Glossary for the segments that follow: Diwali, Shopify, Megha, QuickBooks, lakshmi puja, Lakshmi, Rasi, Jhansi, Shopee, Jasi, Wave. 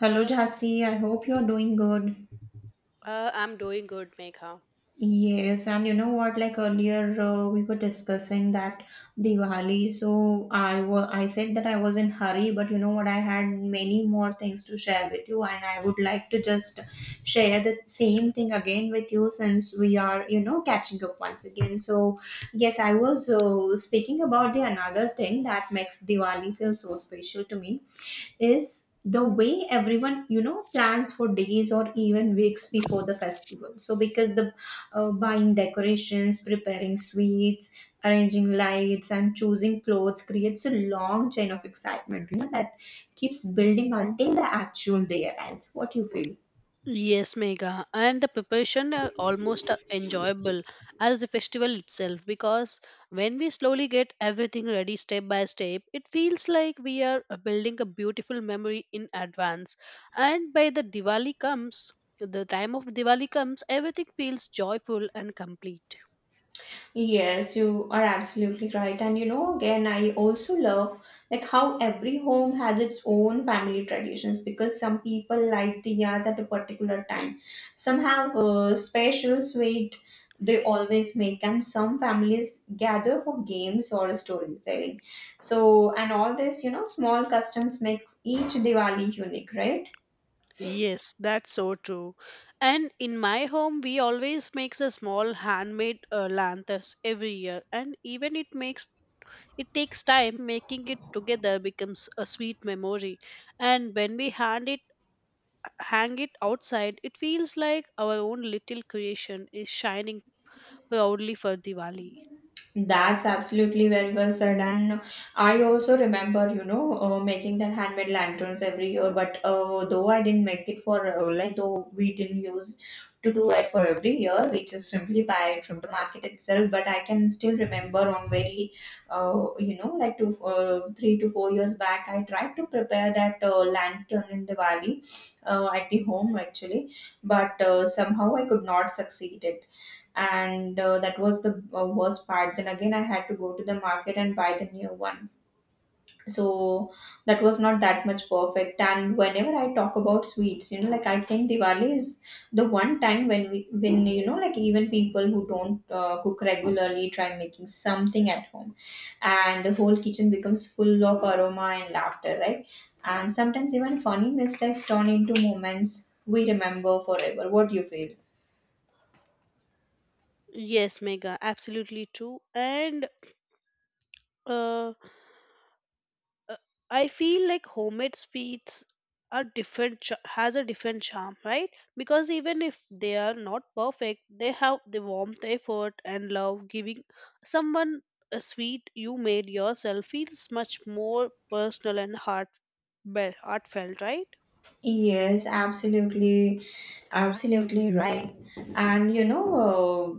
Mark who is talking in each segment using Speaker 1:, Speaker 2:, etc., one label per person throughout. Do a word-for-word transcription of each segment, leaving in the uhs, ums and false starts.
Speaker 1: Hello, Jasi. I hope you're doing good.
Speaker 2: Uh, I'm doing good, Megha.
Speaker 1: Yes, and you know what? Like earlier, uh, we were discussing that Diwali. So I wa- I said that I was in hurry, but you know what? I had many more things to share with you, and I would like to just share the same thing again with you since we are, you know, catching up once again. So, yes, I was uh, speaking about the another thing that makes Diwali feel so special to me is the way everyone you know plans for days or even weeks before the festival. So because the uh, buying decorations, preparing sweets, arranging lights and choosing clothes creates a long chain of excitement you know that keeps building until the actual day arrives. What do you feel?
Speaker 2: Yes, Megha. And the preparation are almost uh, enjoyable as the festival itself because when we slowly get everything ready step by step, it feels like we are uh, building a beautiful memory in advance. And by the Diwali comes, the time of Diwali comes, everything feels joyful and complete.
Speaker 1: Yes, you are absolutely right. And you know, again, I also love like how every home has its own family traditions, because some people light diyas at a particular time. Some have a special sweet they always make, and some families gather for games or storytelling. So, and all this, you know, small customs make each Diwali unique, right?
Speaker 2: Yes, that's so true. And in my home, we always makes a small handmade uh, lanterns every year, and even it makes it takes time, making it together becomes a sweet memory. And when we hand it, hang it outside, it feels like our own little creation is shining proudly for Diwali.
Speaker 1: That's absolutely very well said. And I also remember, you know, uh, making that handmade lanterns every year. But uh, though I didn't make it for, uh, like, though we didn't use to do it for every year, we just simply buy it from the market itself. But I can still remember on very, uh, you know, like two, uh, three to four years back, I tried to prepare that uh, lantern in Diwali uh, at the home actually, but uh, somehow I could not succeed, and uh, that was the uh, worst part. Then again, I had to go to the market and buy the new one. So that was not that much perfect. And whenever I talk about sweets, you know, like, I think Diwali is the one time when we when you know, like, even people who don't uh, cook regularly try making something at home, and the whole kitchen becomes full of aroma and laughter, right? And sometimes even funny mistakes turn into moments we remember forever. What do you feel?
Speaker 2: Yes, Mega, absolutely true. And uh, uh, I feel like homemade sweets are different ch- has a different charm, right? Because even if they are not perfect, they have the warmth, effort, and love. Giving someone a sweet you made yourself feels much more personal and heart be- heartfelt, right?
Speaker 1: Yes, absolutely, absolutely right. And you know,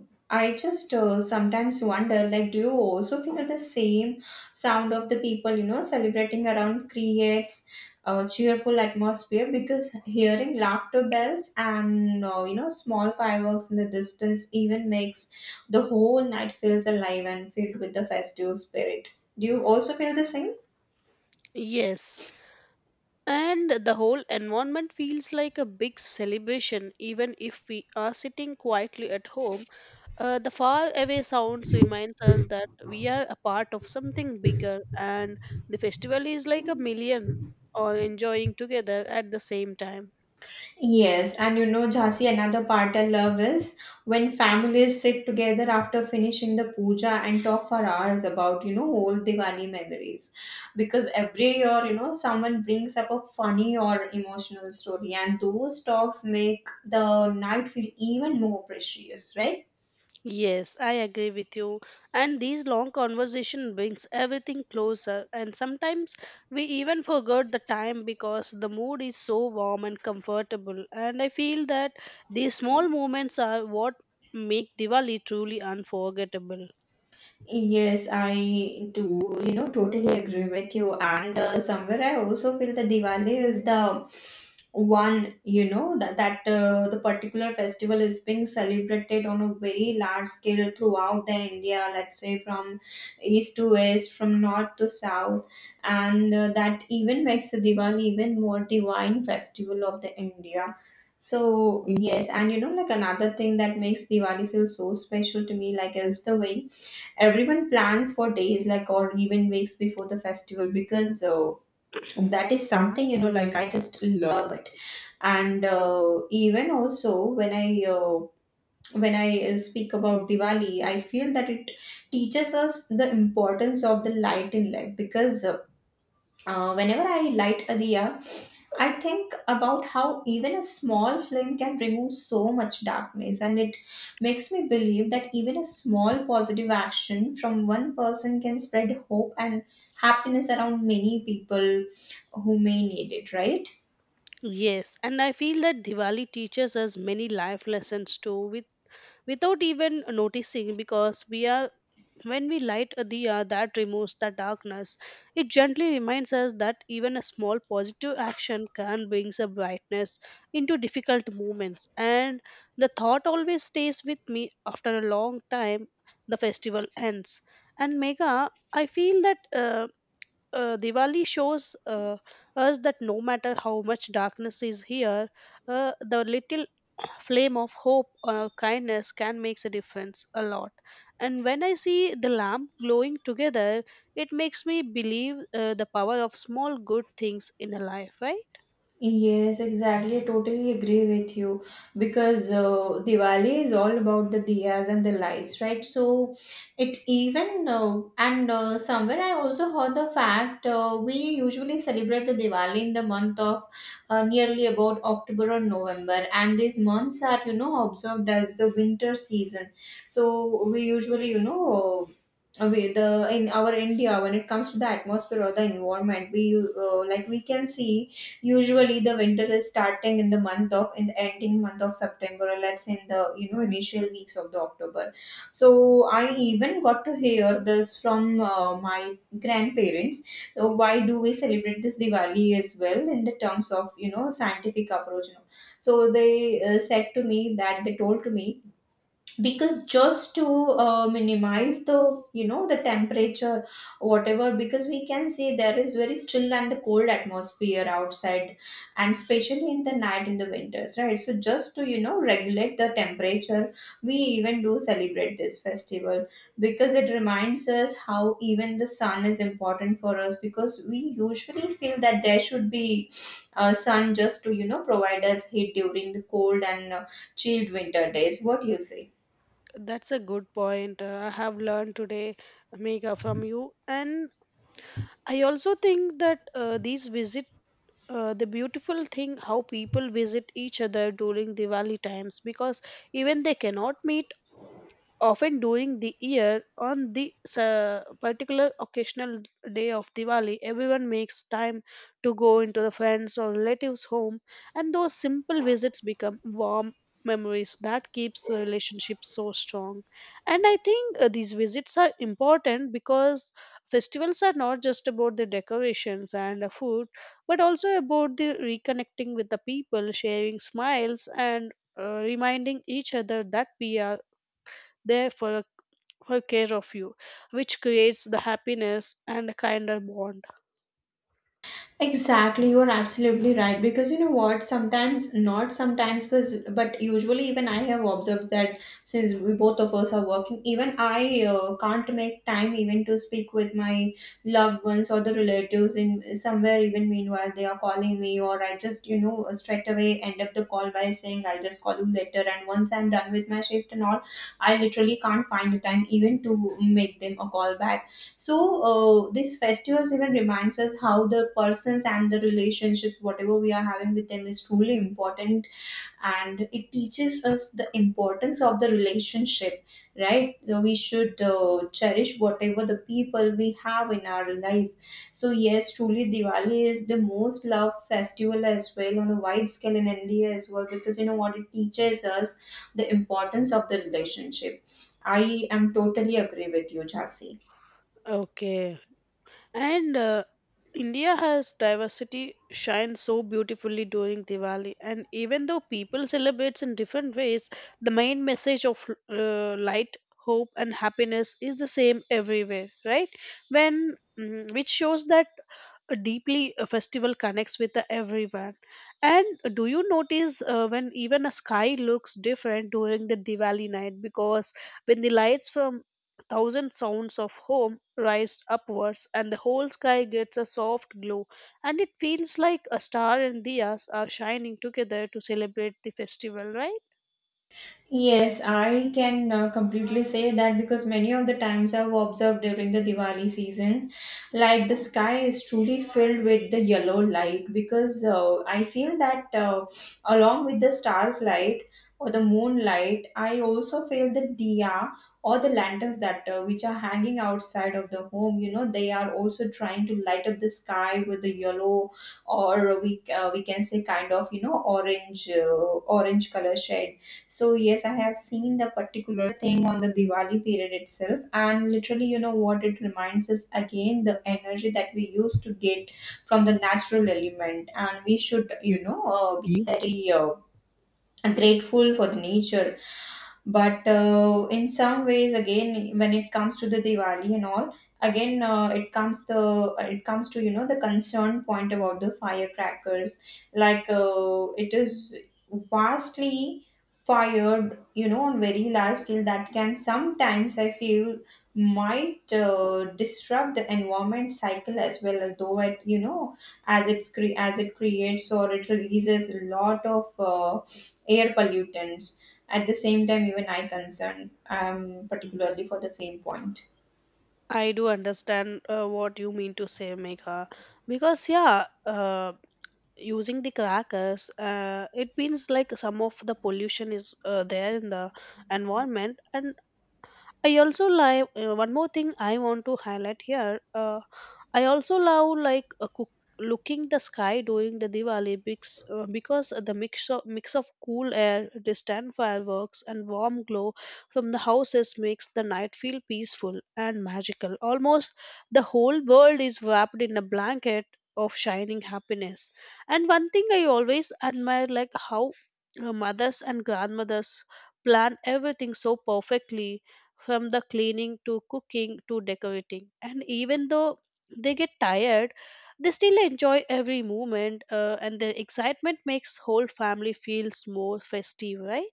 Speaker 1: uh, I just uh, sometimes wonder, like, do you also feel the same sound of the people, you know, celebrating around creates a cheerful atmosphere? Because hearing laughter bells and uh, you know small fireworks in the distance even makes the whole night feels alive and filled with the festive spirit. Do you also feel the same?
Speaker 2: Yes, and the whole environment feels like a big celebration, even if we are sitting quietly at home. Uh, the far away sounds reminds us that we are a part of something bigger, and the festival is like a million or enjoying together at the same time.
Speaker 1: Yes, and you know, Jhansi, another part I love is when families sit together after finishing the puja and talk for hours about, you know, old Diwali memories. Because every year, you know, someone brings up a funny or emotional story, and those talks make the night feel even more precious, right?
Speaker 2: Yes, I agree with you. And these long conversation brings everything closer, and sometimes we even forget the time because the mood is so warm and comfortable. And I feel that these small moments are what make Diwali truly unforgettable.
Speaker 1: Yes, I do, you know, totally agree with you. And uh, somewhere I also feel that Diwali is the one, you know, that, that uh, the particular festival is being celebrated on a very large scale throughout the India, let's say from east to west, from north to south. And uh, that even makes the Diwali even more divine festival of the India. So yes, and you know, like another thing that makes Diwali feel so special to me, like, is the way everyone plans for days, like, or even weeks before the festival, because uh, that is something, you know, like, I just love it. And uh, even also when i uh, when i uh, speak about Diwali, I feel that it teaches us the importance of the light in life because uh, uh, whenever I light a diya, I think about how even a small flame can remove so much darkness, and it makes me believe that even a small positive action from one person can spread hope and happiness around many people who may need it, right?
Speaker 2: Yes, and I feel that Diwali teaches us many life lessons too, with, without even noticing, because we are when we light a diya that removes the darkness, it gently reminds us that even a small positive action can bring a brightness into difficult moments. And the thought always stays with me after a long time. The festival ends, and Mega, I feel that. Uh, uh, Diwali shows uh, us that no matter how much darkness is here, uh, the little flame of hope or kindness can make a difference a lot. And when I see the lamp glowing together, it makes me believe uh, the power of small good things in a life, right?
Speaker 1: Yes, exactly. I totally agree with you because uh, Diwali is all about the diyas and the lights, right? So it even uh, and uh, somewhere I also heard the fact uh, we usually celebrate the Diwali in the month of uh, nearly about October or November, and these months are, you know, observed as the winter season. So we usually, you know. Uh, we, the in our India, when it comes to the atmosphere or the environment, we uh, like we can see usually, the winter is starting in the month of in the ending month of September, or let's say in the, you know, initial weeks of the October. So I even got to hear this from uh, my grandparents. So why do we celebrate this Diwali as well in the terms of, you know, scientific approach? No? So they uh, said to me that they told to me, because just to uh, minimize the, you know, the temperature whatever, because we can see there is very chill and the cold atmosphere outside, and especially in the night, in the winters, right? So just to, you know, regulate the temperature, we even do celebrate this festival, because it reminds us how even the sun is important for us, because we usually feel that there should be uh, sun just to, you know, provide us heat during the cold and uh, chilled winter days. What do you say?
Speaker 2: That's a good point. Uh, I have learned today, Megha, from you. And I also think that uh, these visit. Uh, the beautiful thing how people visit each other during Diwali times because even they cannot meet often during the year on the uh, particular occasional day of Diwali, everyone makes time to go into the friends or relatives' home, and those simple visits become warm memories that keeps the relationship so strong. And I think uh, these visits are important because festivals are not just about the decorations and the food, but also about the reconnecting with the people, sharing smiles and uh, reminding each other that we are there for her care of you, which creates the happiness and a kinder bond.
Speaker 1: Exactly, you are absolutely right. Because you know what, sometimes, not sometimes, but, but usually, even I have observed that since we both of us are working, even I uh, can't make time even to speak with my loved ones or the relatives in somewhere. Even meanwhile, they are calling me, or I just, you know, straight away end up the call by saying I'll just call you later. And once I'm done with my shift and all, I literally can't find the time even to make them a call back. So uh, this festivals even reminds us how the persons and the relationships, whatever we are having with them, is truly important, and it teaches us the importance of the relationship, right? So we should uh, cherish whatever the people we have in our life. So yes, truly Diwali is the most loved festival as well on a wide scale in India as well, because you know what, it teaches us the importance of the relationship. I am totally agree with you, Jasi.
Speaker 2: Okay. And uh, India has diversity shine so beautifully during Diwali. And even though people celebrates in different ways, the main message of uh, light, hope, and happiness is the same everywhere, right? When mm, which shows that a deeply a festival connects with the everyone. And do you notice uh, when even a sky looks different during the Diwali night, because when the lights from thousand sounds of home rise upwards, and the whole sky gets a soft glow, and it feels like a star and diyas are shining together to celebrate the festival, right?
Speaker 1: Yes, I can uh, completely say that because many of the times I've observed during the Diwali season, like the sky is truly filled with the yellow light because uh, I feel that uh, along with the stars light or the moonlight, I also feel the diya or the lanterns that uh, which are hanging outside of the home. You know, they are also trying to light up the sky with the yellow or we uh, we can say kind of, you know, orange uh, orange color shade. So yes, I have seen the particular thing on the Diwali period itself, and literally, you know what, it reminds us again the energy that we used to get from the natural element, and we should, you know, uh, be very uh, grateful for the nature. But uh, in some ways, again, when it comes to the Diwali and all, again, uh, it comes the uh, it comes to, you know, the concern point about the firecrackers, like, uh, it is vastly fired, you know, on very large scale that can sometimes I feel might uh, disrupt the environment cycle as well, although it, you know, as it's cre- as it creates or it releases a lot of uh, air pollutants. At the same time, even I concerned, um, particularly for the same point.
Speaker 2: I do understand uh, what you mean to say, Megha, because yeah, uh, using the crackers, uh, it means like some of the pollution is uh, there in the environment. And I also like uh, one more thing I want to highlight here. Uh, I also love like uh, cook, looking the sky during the Diwali because, uh, because the mix of, mix of cool air, distant fireworks, and warm glow from the houses makes the night feel peaceful and magical. Almost the whole world is wrapped in a blanket of shining happiness. And one thing I always admire, like how uh, mothers and grandmothers plan everything so perfectly from the cleaning to cooking to decorating. And even though they get tired, they still enjoy every moment, uh, and the excitement makes whole family feels more festive, right?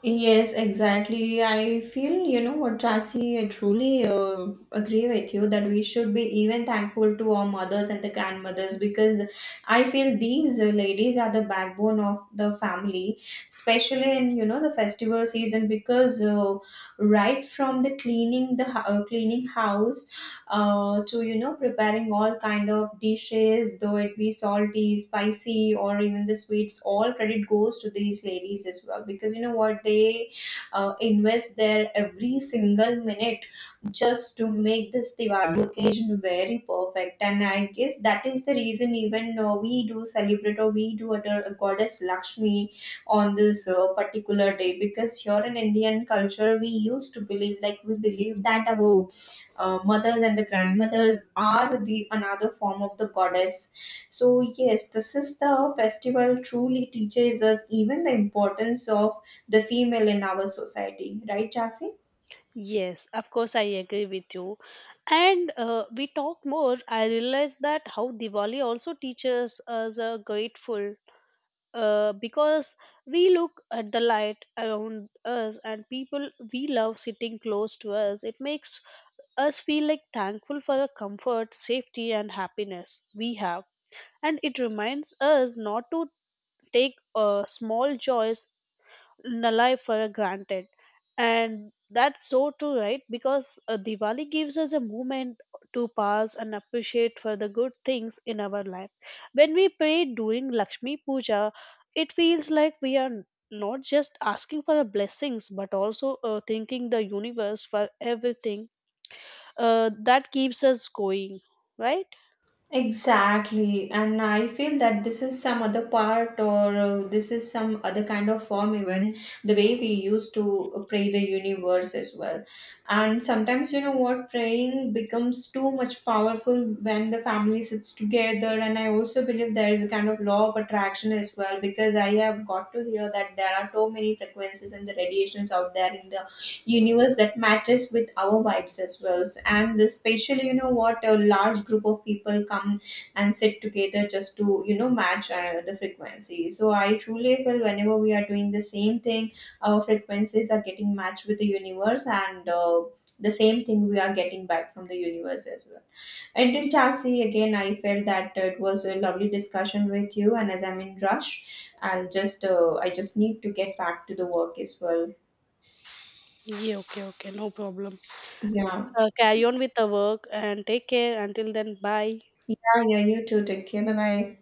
Speaker 1: Yes, exactly. I feel, you know what, Rasi, I truly uh, agree with you that we should be even thankful to our mothers and the grandmothers, because I feel these uh, ladies are the backbone of the family, especially in, you know, the festival season, because uh, right from the cleaning the hou- uh, cleaning house uh, to, you know, preparing all kind of dishes, though it be salty, spicy or even the sweets, all credit goes to these ladies as well, because you know what, they uh, invest their every single minute just to make this Diwali occasion very perfect. And I guess that is the reason even uh, we do celebrate or we do adore goddess Lakshmi on this uh, particular day, because here in Indian culture we used to believe like we believe that our uh, mothers and the grandmothers are the another form of the goddess. So yes, this is the festival truly teaches us even the importance of the female in our society, right, Jasi?
Speaker 2: Yes, of course, I agree with you. And uh, we talk more, I realize that how Diwali also teaches us a grateful uh, because we look at the light around us and people we love sitting close to us, it makes us feel like thankful for the comfort, safety, and happiness we have, and it reminds us not to take uh, small joys n- life for granted. And that's so too right, because uh, Diwali gives us a moment to pause and appreciate for the good things in our life. When we pray during Lakshmi puja, it feels like we are not just asking for the blessings but also uh, thanking the universe for everything uh, that keeps us going, right?
Speaker 1: Exactly, and I feel that this is some other part, or uh, this is some other kind of form, even the way we used to pray the universe as well. And sometimes, you know what, praying becomes too much powerful when the family sits together. And I also believe there is a kind of law of attraction as well, because I have got to hear that there are so many frequencies and the radiations out there in the universe that matches with our vibes as well. So, and especially, you know what, a large group of people come and sit together just to, you know, match uh, the frequency. So I truly feel whenever we are doing the same thing, our frequencies are getting matched with the universe and uh, the same thing we are getting back from the universe as well. And in Chelsea, again, I felt that it was a lovely discussion with you. And as I'm in rush, I'll just, uh, I just need to get back to the work as well.
Speaker 2: Yeah, okay, okay, no problem.
Speaker 1: Yeah.
Speaker 2: Uh, carry on with the work and take care. Until then, bye.
Speaker 1: Yeah, yeah, you too. Take care. Bye bye.